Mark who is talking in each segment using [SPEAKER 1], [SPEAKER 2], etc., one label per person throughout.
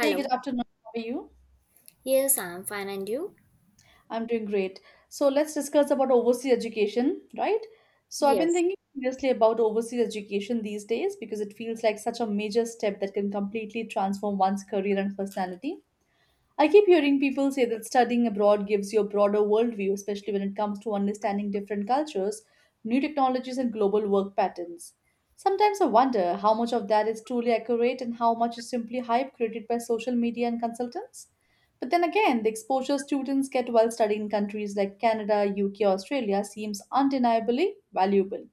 [SPEAKER 1] Hey, good afternoon. How are you?
[SPEAKER 2] Yes, I'm fine. And you?
[SPEAKER 1] I'm doing great. So let's discuss about overseas education, right? So I've been
[SPEAKER 2] Yes.
[SPEAKER 1] thinking seriously about overseas education these days because it feels like such a major step that can completely transform one's career and personality. I keep hearing people say that studying abroad gives you a broader worldview, especially when it comes to understanding different cultures, new technologies, and global work patterns. Sometimes I wonder how much of that is truly accurate and how much is simply hype created by social media and consultants. But then again, the exposure students get while studying in countries like Canada, UK, or Australia seems undeniably valuable,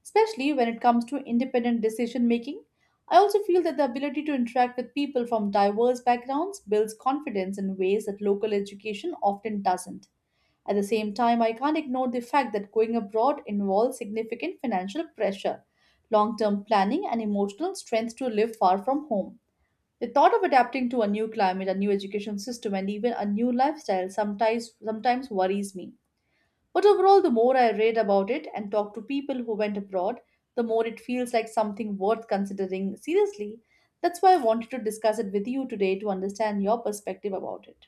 [SPEAKER 1] especially when it comes to independent decision making. I also feel that the ability to interact with people from diverse backgrounds builds confidence in ways that local education often doesn't. At the same time, I can't ignore the fact that going abroad involves significant financial pressure, long term planning, and emotional strength to live far from home. The thought of adapting to a new climate, a new education system, and even a new lifestyle sometimes worries me. But overall, the more I read about it and talk to people who went abroad, the more it feels like something worth considering seriously. That's why I wanted to discuss it with you today to understand your perspective about it.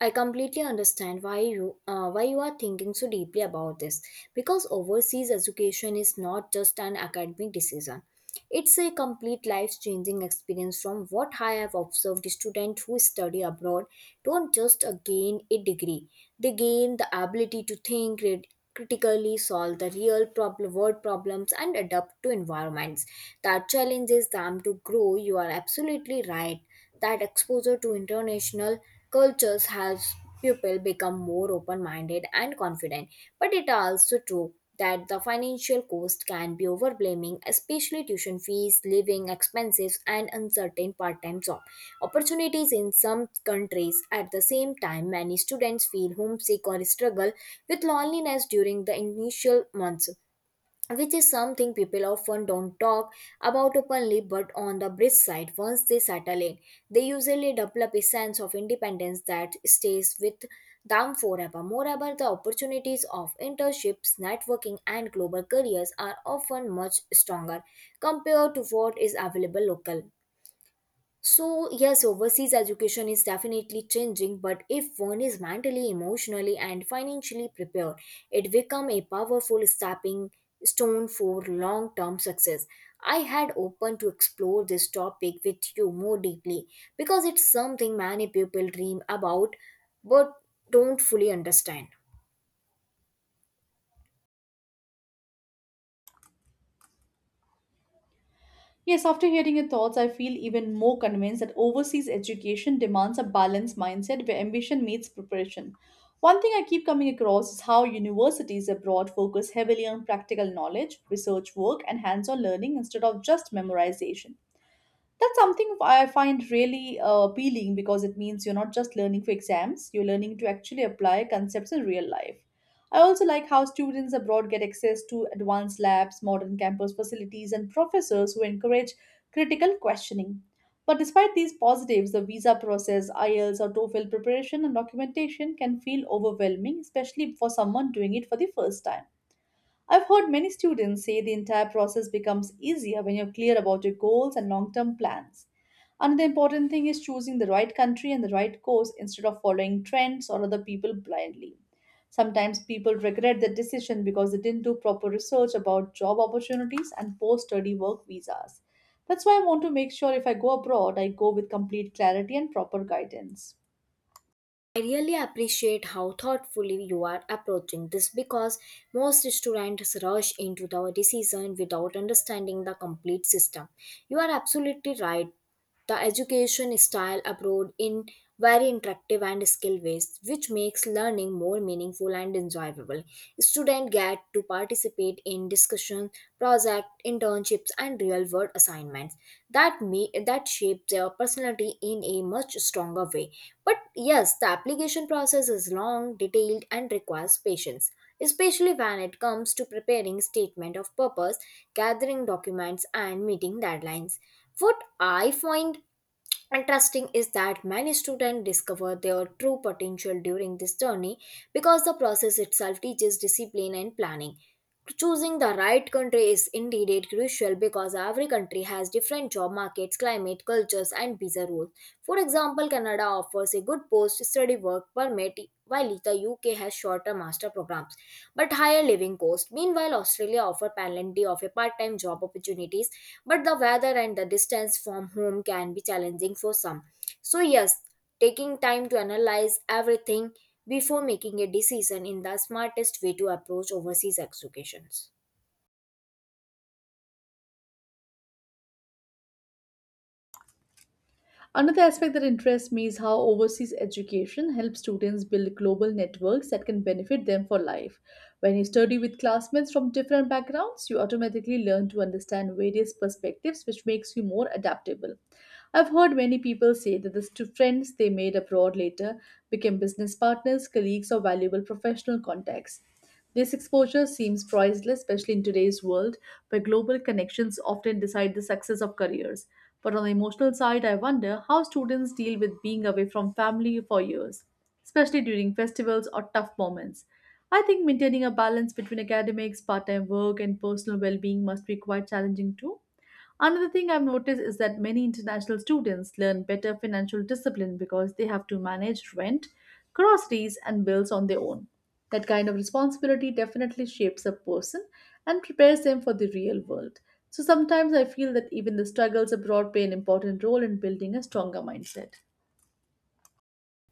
[SPEAKER 2] I completely understand why you are thinking so deeply about this because overseas education is not just an academic decision. It's a complete life-changing experience from what I have observed students who study abroad don't just gain a degree. They gain the ability to think, read, critically solve the real problem world problems and adapt to environments that challenges them to grow. You are absolutely right that exposure to international cultures helps people become more open-minded and confident, but it also true that the financial cost can be overwhelming, especially tuition fees, living expenses, and uncertain part-time job opportunities in some countries. At the same time, many students feel homesick or struggle with loneliness during the initial months, which is something people often don't talk about openly. But on the bridge side, once they settle in, they usually develop a sense of independence that stays with them forever. Moreover, the opportunities of internships, networking, and global careers are often much stronger compared to what is available local. So, yes, overseas education is definitely changing, but if one is mentally, emotionally, and financially prepared, it becomes a powerful stepping stone for long term success. I had opened to explore this topic with you more deeply because it's something many people dream about but don't fully understand.
[SPEAKER 1] Yes, after hearing your thoughts, I feel even more convinced that overseas education demands a balanced mindset where ambition meets preparation. One thing I keep coming across is how universities abroad focus heavily on practical knowledge, research work, and hands on learning instead of just memorization. That's something I find really appealing because it means you're not just learning for exams, you're learning to actually apply concepts in real life. I also like how students abroad get access to advanced labs, modern campus facilities, and professors who encourage critical questioning. But despite these positives, the visa process, IELTS, or TOEFL preparation and documentation can feel overwhelming, especially for someone doing it for the first time. I've heard many students say the entire process becomes easier when you're clear about your goals and long term plans. Another important thing is choosing the right country and the right course instead of following trends or other people blindly. Sometimes people regret their decision because they didn't do proper research about job opportunities and post study work visas. That's why I want to make sure if I go abroad, I go with complete clarity and proper guidance.
[SPEAKER 2] I really appreciate how thoughtfully you are approaching this because most students rush into the decision without understanding the complete system. You are absolutely right. The education style abroad in very interactive and skill based, which makes learning more meaningful and enjoyable. Students get to participate in discussions, project, internships, and real world assignments that shape their personality in a much stronger way. But yes, the application process is long, detailed, and requires patience, especially when it comes to preparing statement of purpose, gathering documents, and meeting deadlines. What I find interesting is that many students discover their true potential during this journey because the process itself teaches discipline and planning. Choosing the right country is indeed crucial because every country has different job markets, climate, cultures, and visa rules. For example, Canada offers a good post study work permit while the UK has shorter master programs but higher living cost. Meanwhile, Australia offer plenty of a part-time job opportunities, but the weather and the distance from home can be challenging for some. So yes, taking time to analyze everything before making a decision in the smartest way to approach overseas educations.
[SPEAKER 1] Another aspect that interests me is how overseas education helps students build global networks that can benefit them for life. When you study with classmates from different backgrounds, you automatically learn to understand various perspectives, which makes you more adaptable. I've heard many people say that the friends they made abroad later became business partners, colleagues, or valuable professional contacts. This exposure seems priceless, especially in today's world where global connections often decide the success of careers. But on the emotional side, I wonder how students deal with being away from family for years, especially during festivals or tough moments. I think maintaining a balance between academics, part time work, and personal well being must be quite challenging too. Another thing I've noticed is that many international students learn better financial discipline because they have to manage rent, groceries, and bills on their own. That kind of responsibility definitely shapes a person and prepares them for the real world. So sometimes I feel that even the struggles abroad play an important role in building a stronger mindset.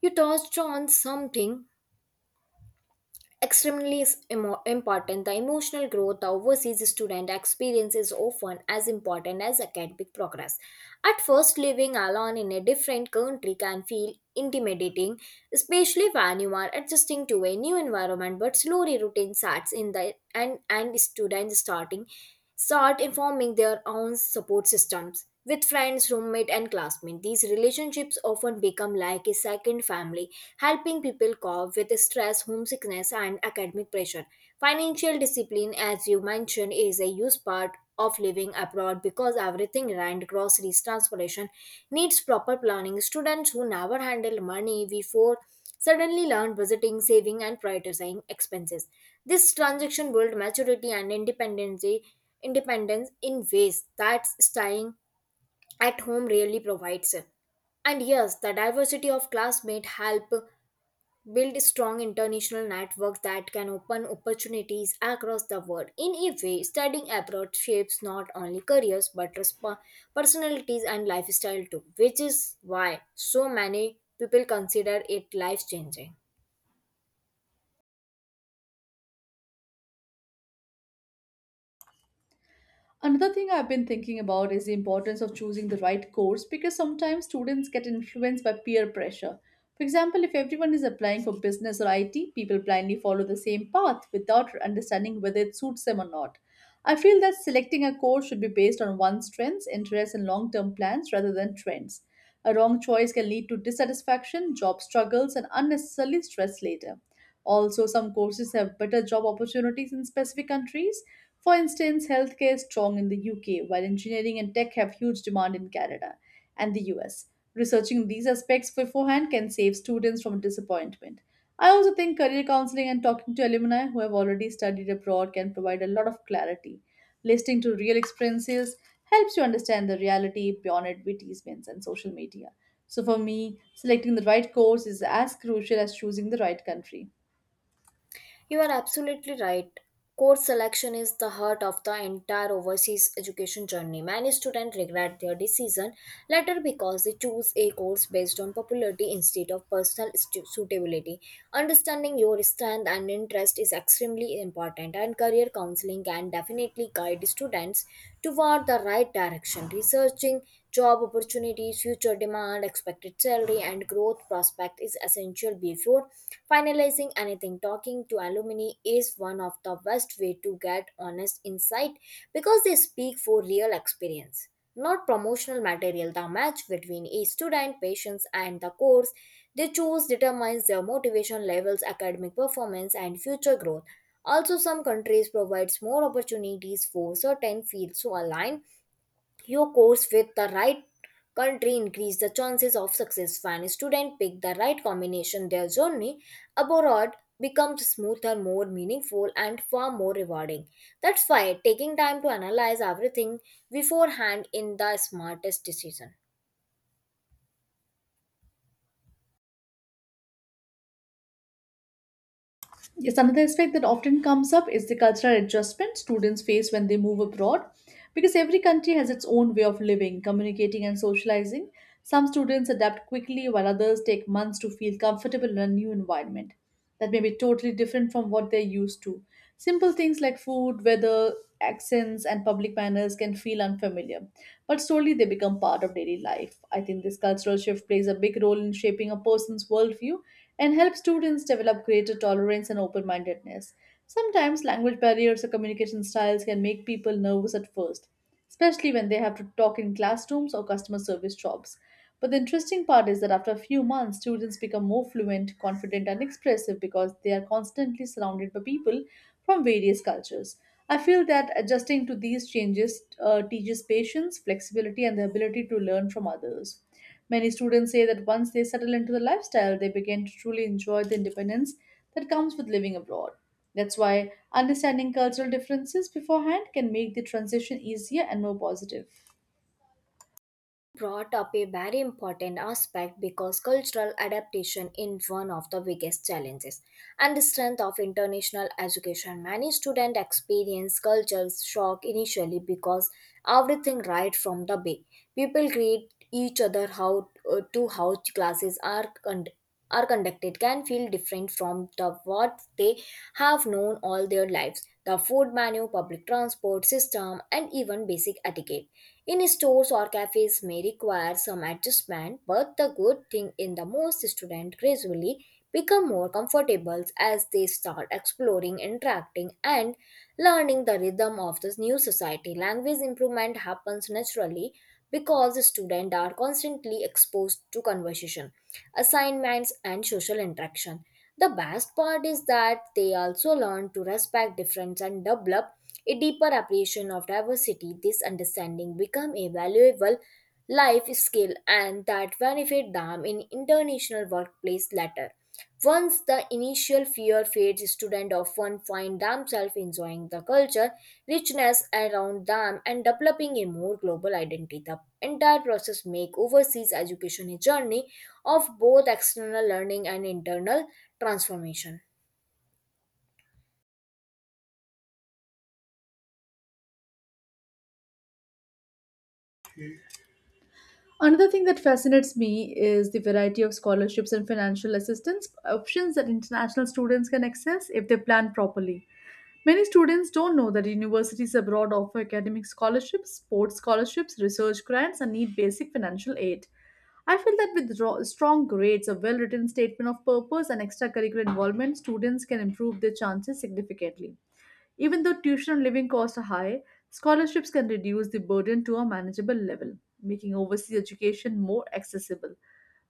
[SPEAKER 2] You touched on something extremely important. The emotional growth the overseas student experiences often as important as academic progress. At first, living alone in a different country can feel intimidating, especially when you are adjusting to a new environment. But slowly, routine sets in the and students start informing their own support systems with friends, roommate, and classmates. These relationships often become like a second family, helping people cope with stress, homesickness, and academic pressure. Financial discipline, as you mentioned, is a huge part of living abroad because everything, rent, groceries, transportation, needs proper planning. Students who never handle money before suddenly learn budgeting, saving, and prioritizing expenses. This transaction builds maturity and independence, in ways that staying at home really provides. And yes, the diversity of classmates help build strong international networks that can open opportunities across the world. In a way, studying abroad shapes not only careers but personalities and lifestyle too, which is why so many people consider it life changing.
[SPEAKER 1] Another thing I've been thinking about is the importance of choosing the right course because sometimes students get influenced by peer pressure. For example, if everyone is applying for business or IT, people blindly follow the same path without understanding whether it suits them or not. I feel that selecting a course should be based on one's strengths, interests, and long term plans rather than trends. A wrong choice can lead to dissatisfaction, job struggles, and unnecessarily stress later. Also, some courses have better job opportunities in specific countries. For instance, healthcare is strong in the UK, while engineering and tech have huge demand in Canada and the US. Researching these aspects beforehand can save students from disappointment. I also think career counseling and talking to alumni who have already studied abroad can provide a lot of clarity. Listening to real experiences helps you understand the reality beyond advertisements and social media. So, for me, selecting the right course is as crucial as choosing the right country.
[SPEAKER 2] You are absolutely right. Course selection is the heart of the entire overseas education journey. Many students regret their decision later because they choose a course based on popularity instead of personal suitability. Understanding your strength and interest is extremely important, and career counseling can definitely guide students toward the right direction. Researching job opportunities, future demand, expected salary, and growth prospect is essential before finalizing anything. Talking to alumni is one of the best way to get honest insight because they speak for real experience, not promotional material. The match between a student patience and the course they choose determines their motivation levels, academic performance, and future growth. Also, some countries provides more opportunities for certain fields, so align your course with the right country increase the chances of success. When a student pick the right combination, their journey abroad becomes smoother, more meaningful, and far more rewarding. That's why taking time to analyze everything beforehand in the smartest decision.
[SPEAKER 1] Yes, another aspect that often comes up is the cultural adjustment students face when they move abroad because every country has its own way of living, communicating, and socializing. Some students adapt quickly while others take months to feel comfortable in a new environment that may be totally different from what they're used to. Simple things like food, weather, accents, and public manners can feel unfamiliar, but slowly they become part of daily life. I think this cultural shift plays a big role in shaping a person's worldview and helps students develop greater tolerance and open mindedness. Sometimes language barriers or communication styles can make people nervous at first, especially when they have to talk in classrooms or customer service jobs. But the interesting part is that after a few months, students become more fluent, confident, and expressive because they are constantly surrounded by people from various cultures. I feel that adjusting to these changes teaches patience, flexibility, and the ability to learn from others. Many students say that once they settle into the lifestyle, they begin to truly enjoy the independence that comes with living abroad. That's why understanding cultural differences beforehand can make the transition easier and more positive.
[SPEAKER 2] Brought up a very important aspect because cultural adaptation is one of the biggest challenges and the strength of international education. Many students experience cultural shock initially because everything right from the big people greet each other how to how classes are conducted can feel different from the what they have known all their lives. The food menu, public transport system, and even basic etiquette in stores or cafes may require some adjustment, but the good thing in the most students gradually become more comfortable as they start exploring, interacting, and learning the rhythm of this new society. Language improvement happens naturally because the students are constantly exposed to conversation, assignments, and social interaction. The best part is that they also learn to respect difference and develop a deeper appreciation of diversity. This understanding become a valuable life skill and that benefit them in international workplace later. Once the initial fear fades, students often find themselves enjoying the culture, richness around them, and developing a more global identity. The entire process make overseas education a journey of both external learning and internal transformation.
[SPEAKER 1] Another thing that fascinates me is the variety of scholarships and financial assistance options that international students can access if they plan properly. Many students don't know that universities abroad offer academic scholarships, sports scholarships, research grants, and need basic financial aid. I feel that with strong grades, a well written statement of purpose, and extracurricular involvement, students can improve their chances significantly. Even though tuition and living costs are high, scholarships can reduce the burden to a manageable level, making overseas education more accessible.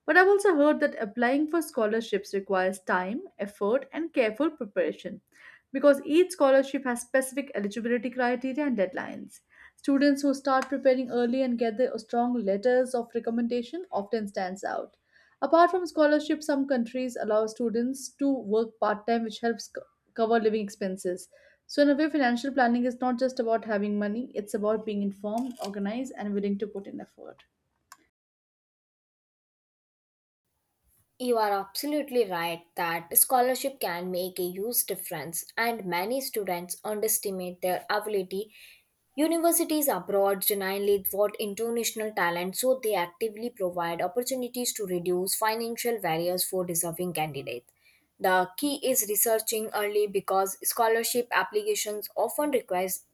[SPEAKER 1] But I've also heard that applying for scholarships requires time, effort, and careful preparation because each scholarship has specific eligibility criteria and deadlines. Students who start preparing early and get the strong letters of recommendation often stands out. Apart from scholarships, some countries allow students to work part-time which helps cover living expenses. So in a way financial planning is not just about having money, it's about being informed, organized and willing to put in effort.
[SPEAKER 2] You are absolutely right that scholarship can make a huge difference, and many students underestimate their ability. Universities abroad genuinely reward international talent, so they actively provide opportunities to reduce financial barriers for deserving candidates. The key is researching early because scholarship applications often requires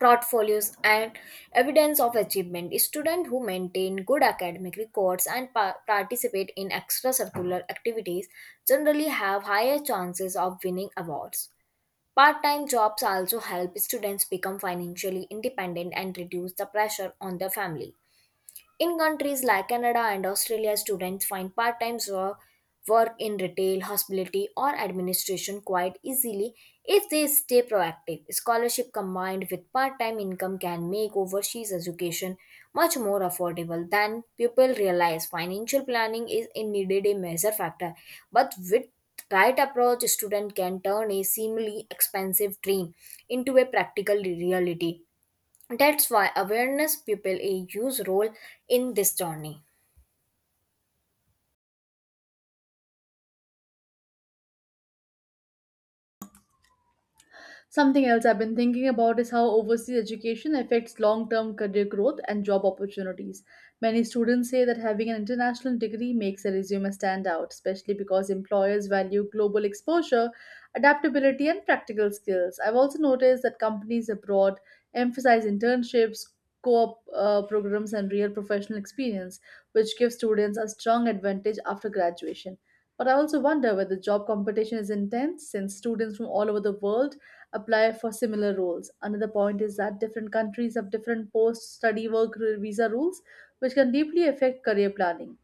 [SPEAKER 2] portfolios and evidence of achievement. Students who maintain good academic records and participate in extracurricular activities generally have higher chances of winning awards. Part-time jobs also help students become financially independent and reduce the pressure on their family. In countries like Canada and Australia, students find part time work in retail, hospitality, or administration quite easily if they stay proactive. Scholarship combined with part time income can make overseas education much more affordable than people realize. Financial planning is indeed a major factor, but with right approach, student can turn a seemingly expensive dream into a practical reality. That's why awareness people a huge role in this journey.
[SPEAKER 1] Something else I've been thinking about is how overseas education affects long term career growth and job opportunities. Many students say that having an international degree makes a resume stand out, especially because employers value global exposure, adaptability, and practical skills. I've also noticed that companies abroad emphasize internships, co op programs, and real professional experience, which gives students a strong advantage after graduation. But I also wonder whether job competition is intense since students from all over the world apply for similar roles. Another point is that different countries have different post study work visa rules, which can deeply affect career planning.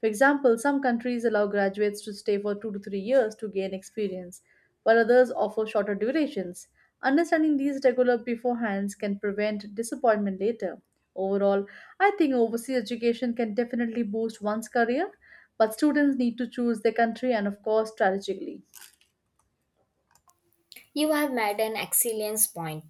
[SPEAKER 1] For example, some countries allow graduates to stay for 2 to 3 years to gain experience, while others offer shorter durations. Understanding these regular beforehand can prevent disappointment later. Overall, I think overseas education can definitely boost one's career, but students need to choose their country and, of course, strategically.
[SPEAKER 2] You have made an excellent point.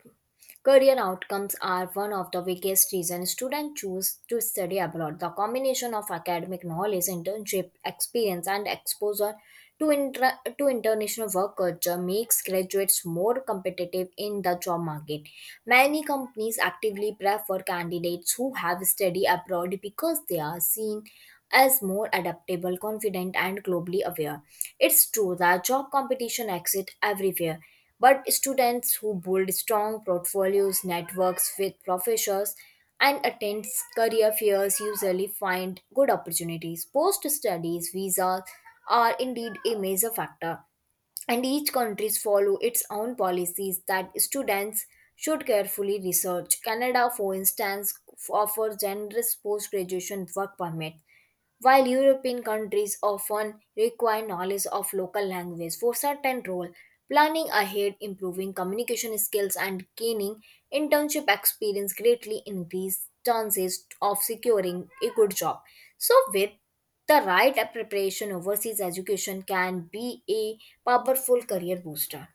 [SPEAKER 2] Career outcomes are one of the biggest reasons students choose to study abroad. The combination of academic knowledge, internship experience, and exposure to international work culture makes graduates more competitive in the job market. Many companies actively prefer candidates who have studied abroad because they are seen as more adaptable, confident, and globally aware. It's true that job competition exists everywhere, but students who build strong portfolios, networks with professors, and attend career fairs usually find good opportunities. Post studies visas are indeed a major factor, and each country follows its own policies that students should carefully research. Canada, for instance, offers generous post graduation work permits while European countries often require knowledge of local language for certain role. Planning ahead, improving communication skills, and gaining internship experience greatly increase chances of securing a good job. So, with the right preparation, overseas education can be a powerful career booster.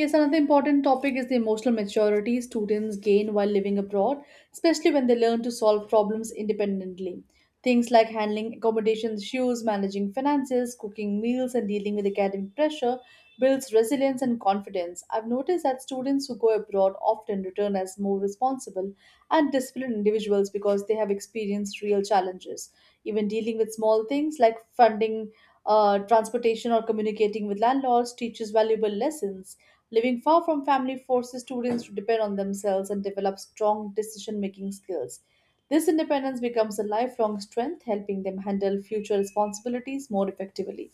[SPEAKER 1] Yes, another important topic is the emotional maturity students gain while living abroad, especially when they learn to solve problems independently. Things like handling accommodation issues, managing finances, cooking meals, and dealing with academic pressure builds resilience and confidence. I've noticed that students who go abroad often return as more responsible and disciplined individuals because they have experienced real challenges. Even dealing with small things like funding, transportation, or communicating with landlords teaches valuable lessons. Living far from family forces students to depend on themselves and develop strong decision making skills. This independence becomes a lifelong strength, helping them handle future responsibilities more effectively.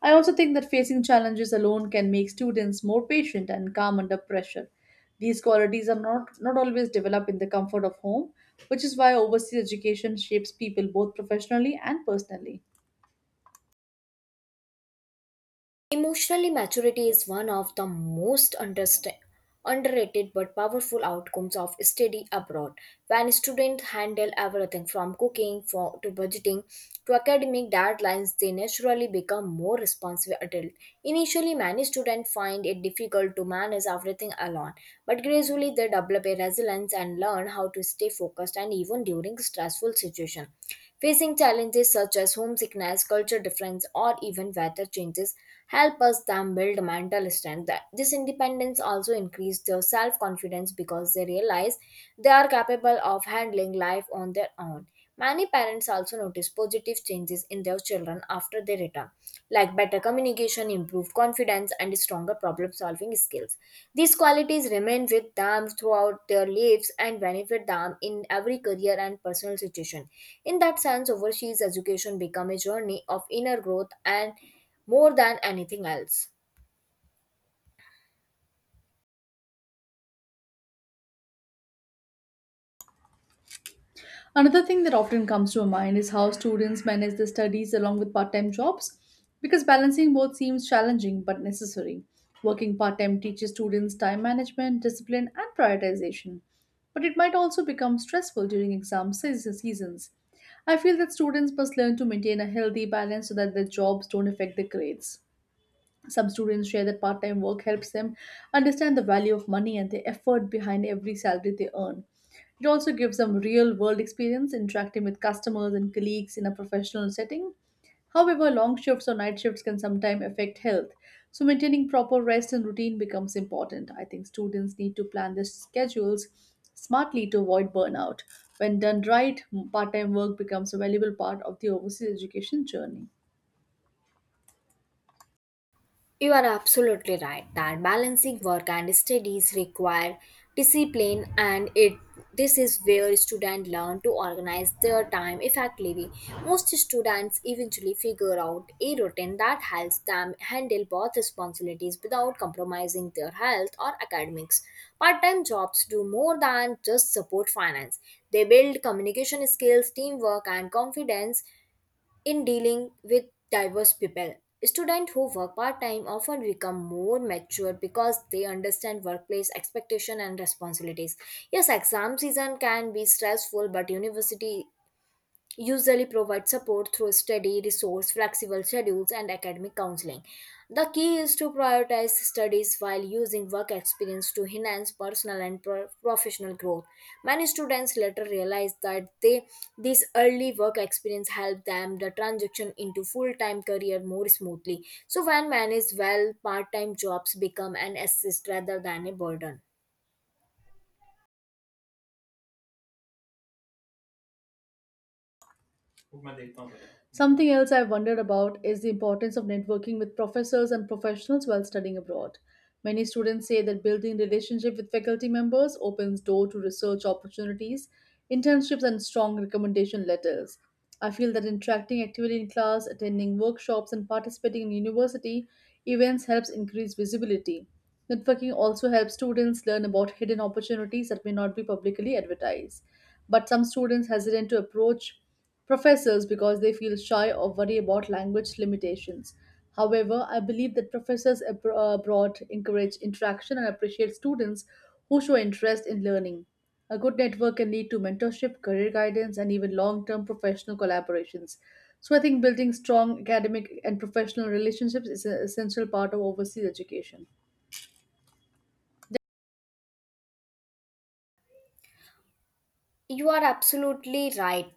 [SPEAKER 1] I also think that facing challenges alone can make students more patient and calm under pressure. These qualities are not always developed in the comfort of home, which is why overseas education shapes people both professionally and personally.
[SPEAKER 2] Emotionally maturity is one of the most underrated but powerful outcomes of study abroad. When students handle everything from cooking for, to budgeting to academic deadlines, they naturally become more responsible adults. Initially, many students find it difficult to manage everything alone, but gradually they develop a resilience and learn how to stay focused and even during stressful situations. Facing challenges such as homesickness, culture difference, or even weather changes help us them build mental strength. This independence also increased their self confidence because they realize they are capable of handling life on their own. Many parents also notice positive changes in their children after they return, like better communication, improved confidence, and stronger problem solving skills. These qualities remain with them throughout their lives and benefit them in every career and personal situation. In that sense, overseas education become a journey of inner growth and more than anything else.
[SPEAKER 1] Another thing that often comes to my mind is how students manage their studies along with part time jobs because balancing both seems challenging but necessary. Working part time teaches students time management, discipline, and prioritization, but it might also become stressful during seasons. I feel that students must learn to maintain a healthy balance so that their jobs don't affect their grades. Some students share that part time work helps them understand the value of money and the effort behind every salary they earn. It also gives them real world experience interacting with customers and colleagues in a professional setting. However, long shifts or night shifts can sometimes affect health, so maintaining proper rest and routine becomes important. I think students need to plan their schedules smartly to avoid burnout. When done right, part time work becomes a valuable part of the overseas education journey.
[SPEAKER 2] You are absolutely right that balancing work and studies require discipline, and it this is where students learn to organize their time effectively. Most students eventually figure out a routine that helps them handle both responsibilities without compromising their health or academics. Part-time jobs do more than just support finance. They build communication skills, teamwork, and confidence in dealing with diverse people. Students who work part time often become more mature because they understand workplace expectation and responsibilities. Yes, exam season can be stressful, but university usually provide support through study resource, flexible schedules and academic counseling. The key is to prioritize studies while using work experience to enhance personal and professional growth. Many students later realize that they this early work experience helped them the transition into full-time career more smoothly. So when managed well, part-time jobs become an assist rather than a burden.
[SPEAKER 1] Something else I've wondered about is the importance of networking with professors and professionals while studying abroad. Many students say that building relationship with faculty members opens door to research opportunities, internships and strong recommendation letters. I feel that interacting actively in class, attending workshops and participating in university events helps increase visibility. Networking also helps students learn about hidden opportunities that may not be publicly advertised. But some students hesitant to approach professors because they feel shy or worry about language limitations. However, I believe that professors abroad encourage interaction and appreciate students who show interest in learning. A good network can lead to mentorship, career guidance, and even long term professional collaborations. So, I think building strong academic and professional relationships is an essential part of overseas education.
[SPEAKER 2] You are absolutely right.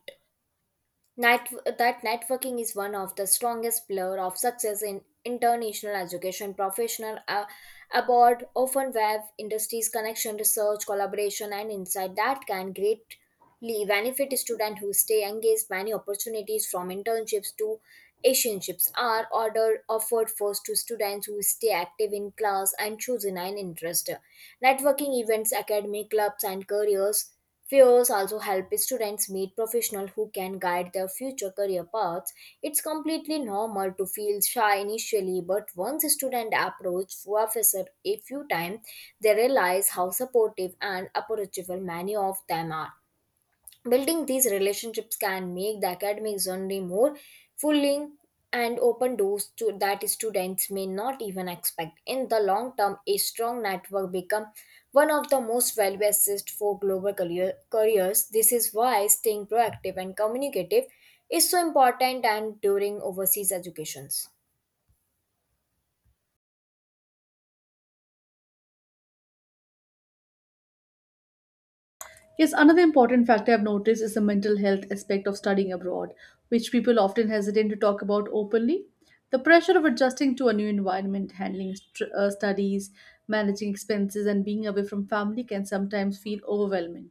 [SPEAKER 2] That networking is one of the strongest pillar of success in international education professional abroad often web industries connection, research collaboration and insight that can greatly benefit students who stay engaged. Many opportunities from internships are ordered offered first to students who stay active in class and choose an interest. Networking events, academic clubs and careers Fairs also help students meet professionals who can guide their future career paths. It's completely normal to feel shy initially, but once a student approaches professor a few times, they realize how supportive and approachable many of them are. Building these relationships can make the academic journey more fulfilling and open doors to that students may not even expect. In the long term, a strong network becomes one of the most valuable assets for global careers. This is why staying proactive and communicative is so important and during overseas educations.
[SPEAKER 1] Yes, another important factor I've noticed is the mental health aspect of studying abroad, which people often hesitate to talk about openly. The pressure of adjusting to a new environment, handling studies, managing expenses, and being away from family can sometimes feel overwhelming.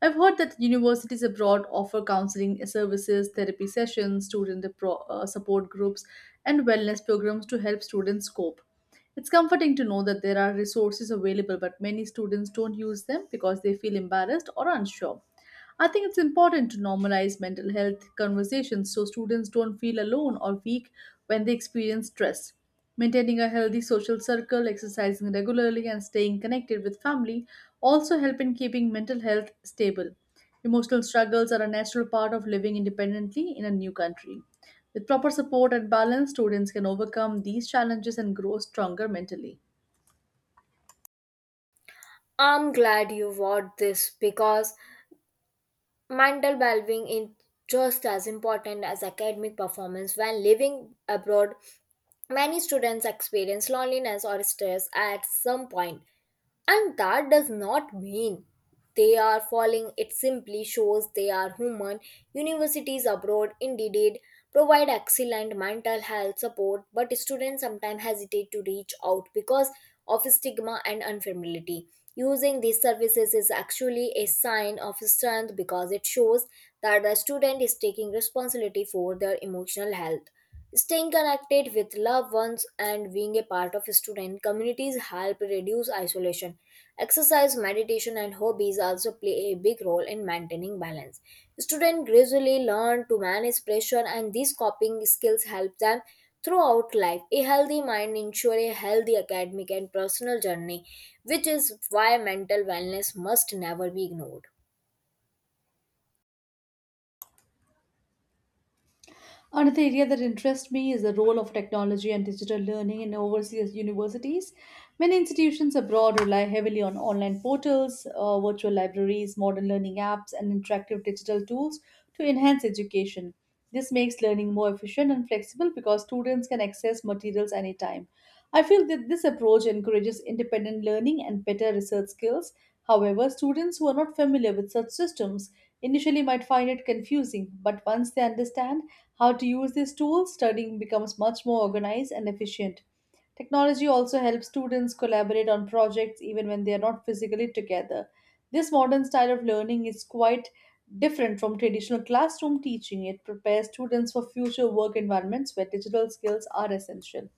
[SPEAKER 1] I've heard that universities abroad offer counseling services, therapy sessions, student support groups, and wellness programs to help students cope. It's comforting to know that there are resources available, but many students don't use them because they feel embarrassed or unsure. I think it's important to normalize mental health conversations so students don't feel alone or weak when they experience stress. Maintaining a healthy social circle, exercising regularly, and staying connected with family also help in keeping mental health stable. Emotional struggles are a natural part of living independently in a new country. With proper support and balance, students can overcome these challenges and grow stronger mentally.
[SPEAKER 2] I'm glad you brought this because mental well-being is just as important as academic performance when living abroad. Many students experience loneliness or stress at some point, and that does not mean they are falling, it simply shows they are human. Universities abroad indeed provide excellent mental health support, but students sometimes hesitate to reach out because of stigma and unfamiliarity. Using these services is actually a sign of strength because it shows that the student is taking responsibility for their emotional health. Staying connected with loved ones and being a part of student communities help reduce isolation. Exercise, meditation, and hobbies also play a big role in maintaining balance. Students gradually learn to manage pressure, and these coping skills help them throughout life. A healthy mind ensures a healthy academic and personal journey, which is why mental wellness must never be ignored.
[SPEAKER 1] Another area that interests me is the role of technology and digital learning in overseas universities. Many institutions abroad rely heavily on online portals, virtual libraries, modern learning apps, and interactive digital tools to enhance education. This makes learning more efficient and flexible because students can access materials anytime. I feel that this approach encourages independent learning and better research skills. However, students who are not familiar with such systems initially might find it confusing, but once they understand how to use these tools, studying becomes much more organized and efficient. Technology also helps students collaborate on projects even when they are not physically together. This modern style of learning is quite different from traditional classroom teaching. It prepares students for future work environments where digital skills are essential.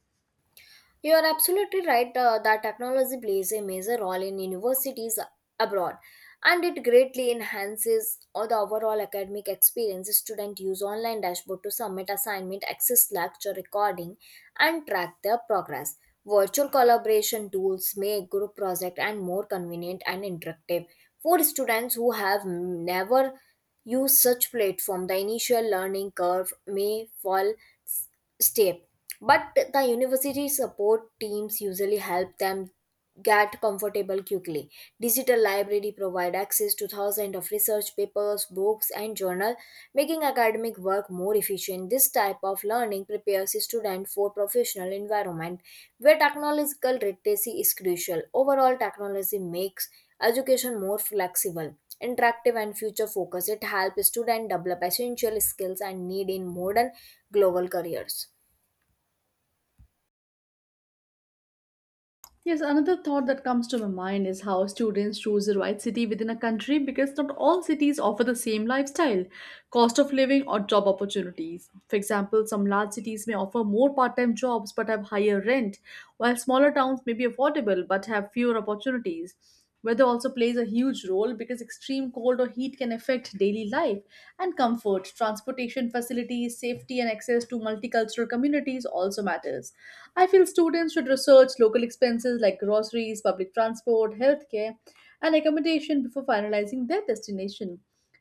[SPEAKER 2] You are absolutely right, that technology plays a major role in universities abroad and it greatly enhances all the overall academic experience. Students use online dashboard to submit assignment, access lecture recording and track their progress. Virtual collaboration tools make group project and more convenient and interactive. For students who have never used such platform, the initial learning curve may fall stay, but the university support teams usually help them get comfortable quickly. Digital library provide access to thousands of research papers, books and journal, making academic work more efficient. This type of learning prepares students for professional environment where technological literacy is crucial. Overall, technology makes education more flexible, interactive and future focused. It helps students develop essential skills and need in modern global careers.
[SPEAKER 1] Yes, another thought that comes to my mind is how students choose the right city within a country because not all cities offer the same lifestyle, cost of living, or job opportunities. For example, some large cities may offer more part time jobs but have higher rent, while smaller towns may be affordable but have fewer opportunities. Weather also plays a huge role because extreme cold or heat can affect daily life and comfort. Transportation facilities, safety, and access to multicultural communities also matters. I feel students should research local expenses like groceries, public transport, healthcare, and accommodation before finalizing their destination.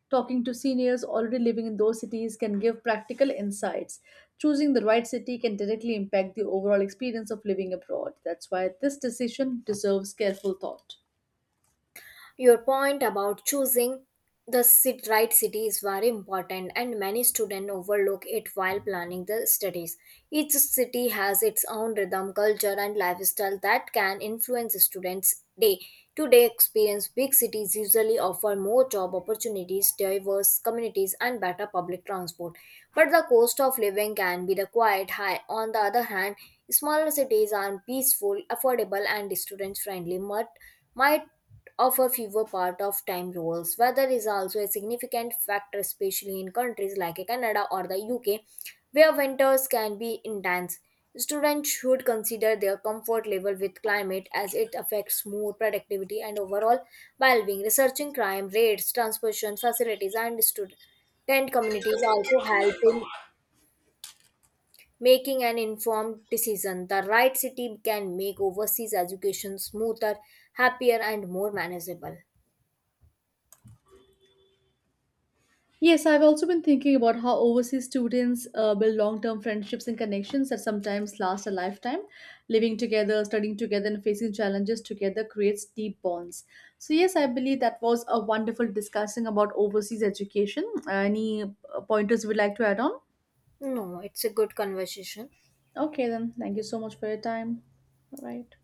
[SPEAKER 1] Talking to seniors already living in those cities can give practical insights. Choosing the right city can directly impact the overall experience of living abroad. That's why this decision deserves careful thought.
[SPEAKER 2] Your point about choosing the right city is very important, and many students overlook it while planning the studies. Each city has its own rhythm, culture, and lifestyle that can influence students' day to day experience. Big cities usually offer more job opportunities, diverse communities, and better public transport, but the cost of living can be the quite high. On the other hand, smaller cities are peaceful, affordable, and student friendly. Might offer fewer part of time roles. Weather is also a significant factor, especially in countries like Canada or the UK, where winters can be intense. Students should consider their comfort level with climate as it affects mood, productivity, and overall well being. Researching crime rates, transportation facilities, and student communities also help in making an informed decision. The right city can make overseas education smoother, happier, and more manageable.
[SPEAKER 1] Yes, I've also been thinking about how overseas students build long term friendships and connections that sometimes last a lifetime. Living together, studying together, and facing challenges together creates deep bonds. So, yes, I believe that was a wonderful discussing about overseas education. Any pointers you would like to add on?
[SPEAKER 2] No, it's a good conversation.
[SPEAKER 1] Okay, then. Thank you so much for your time. All right.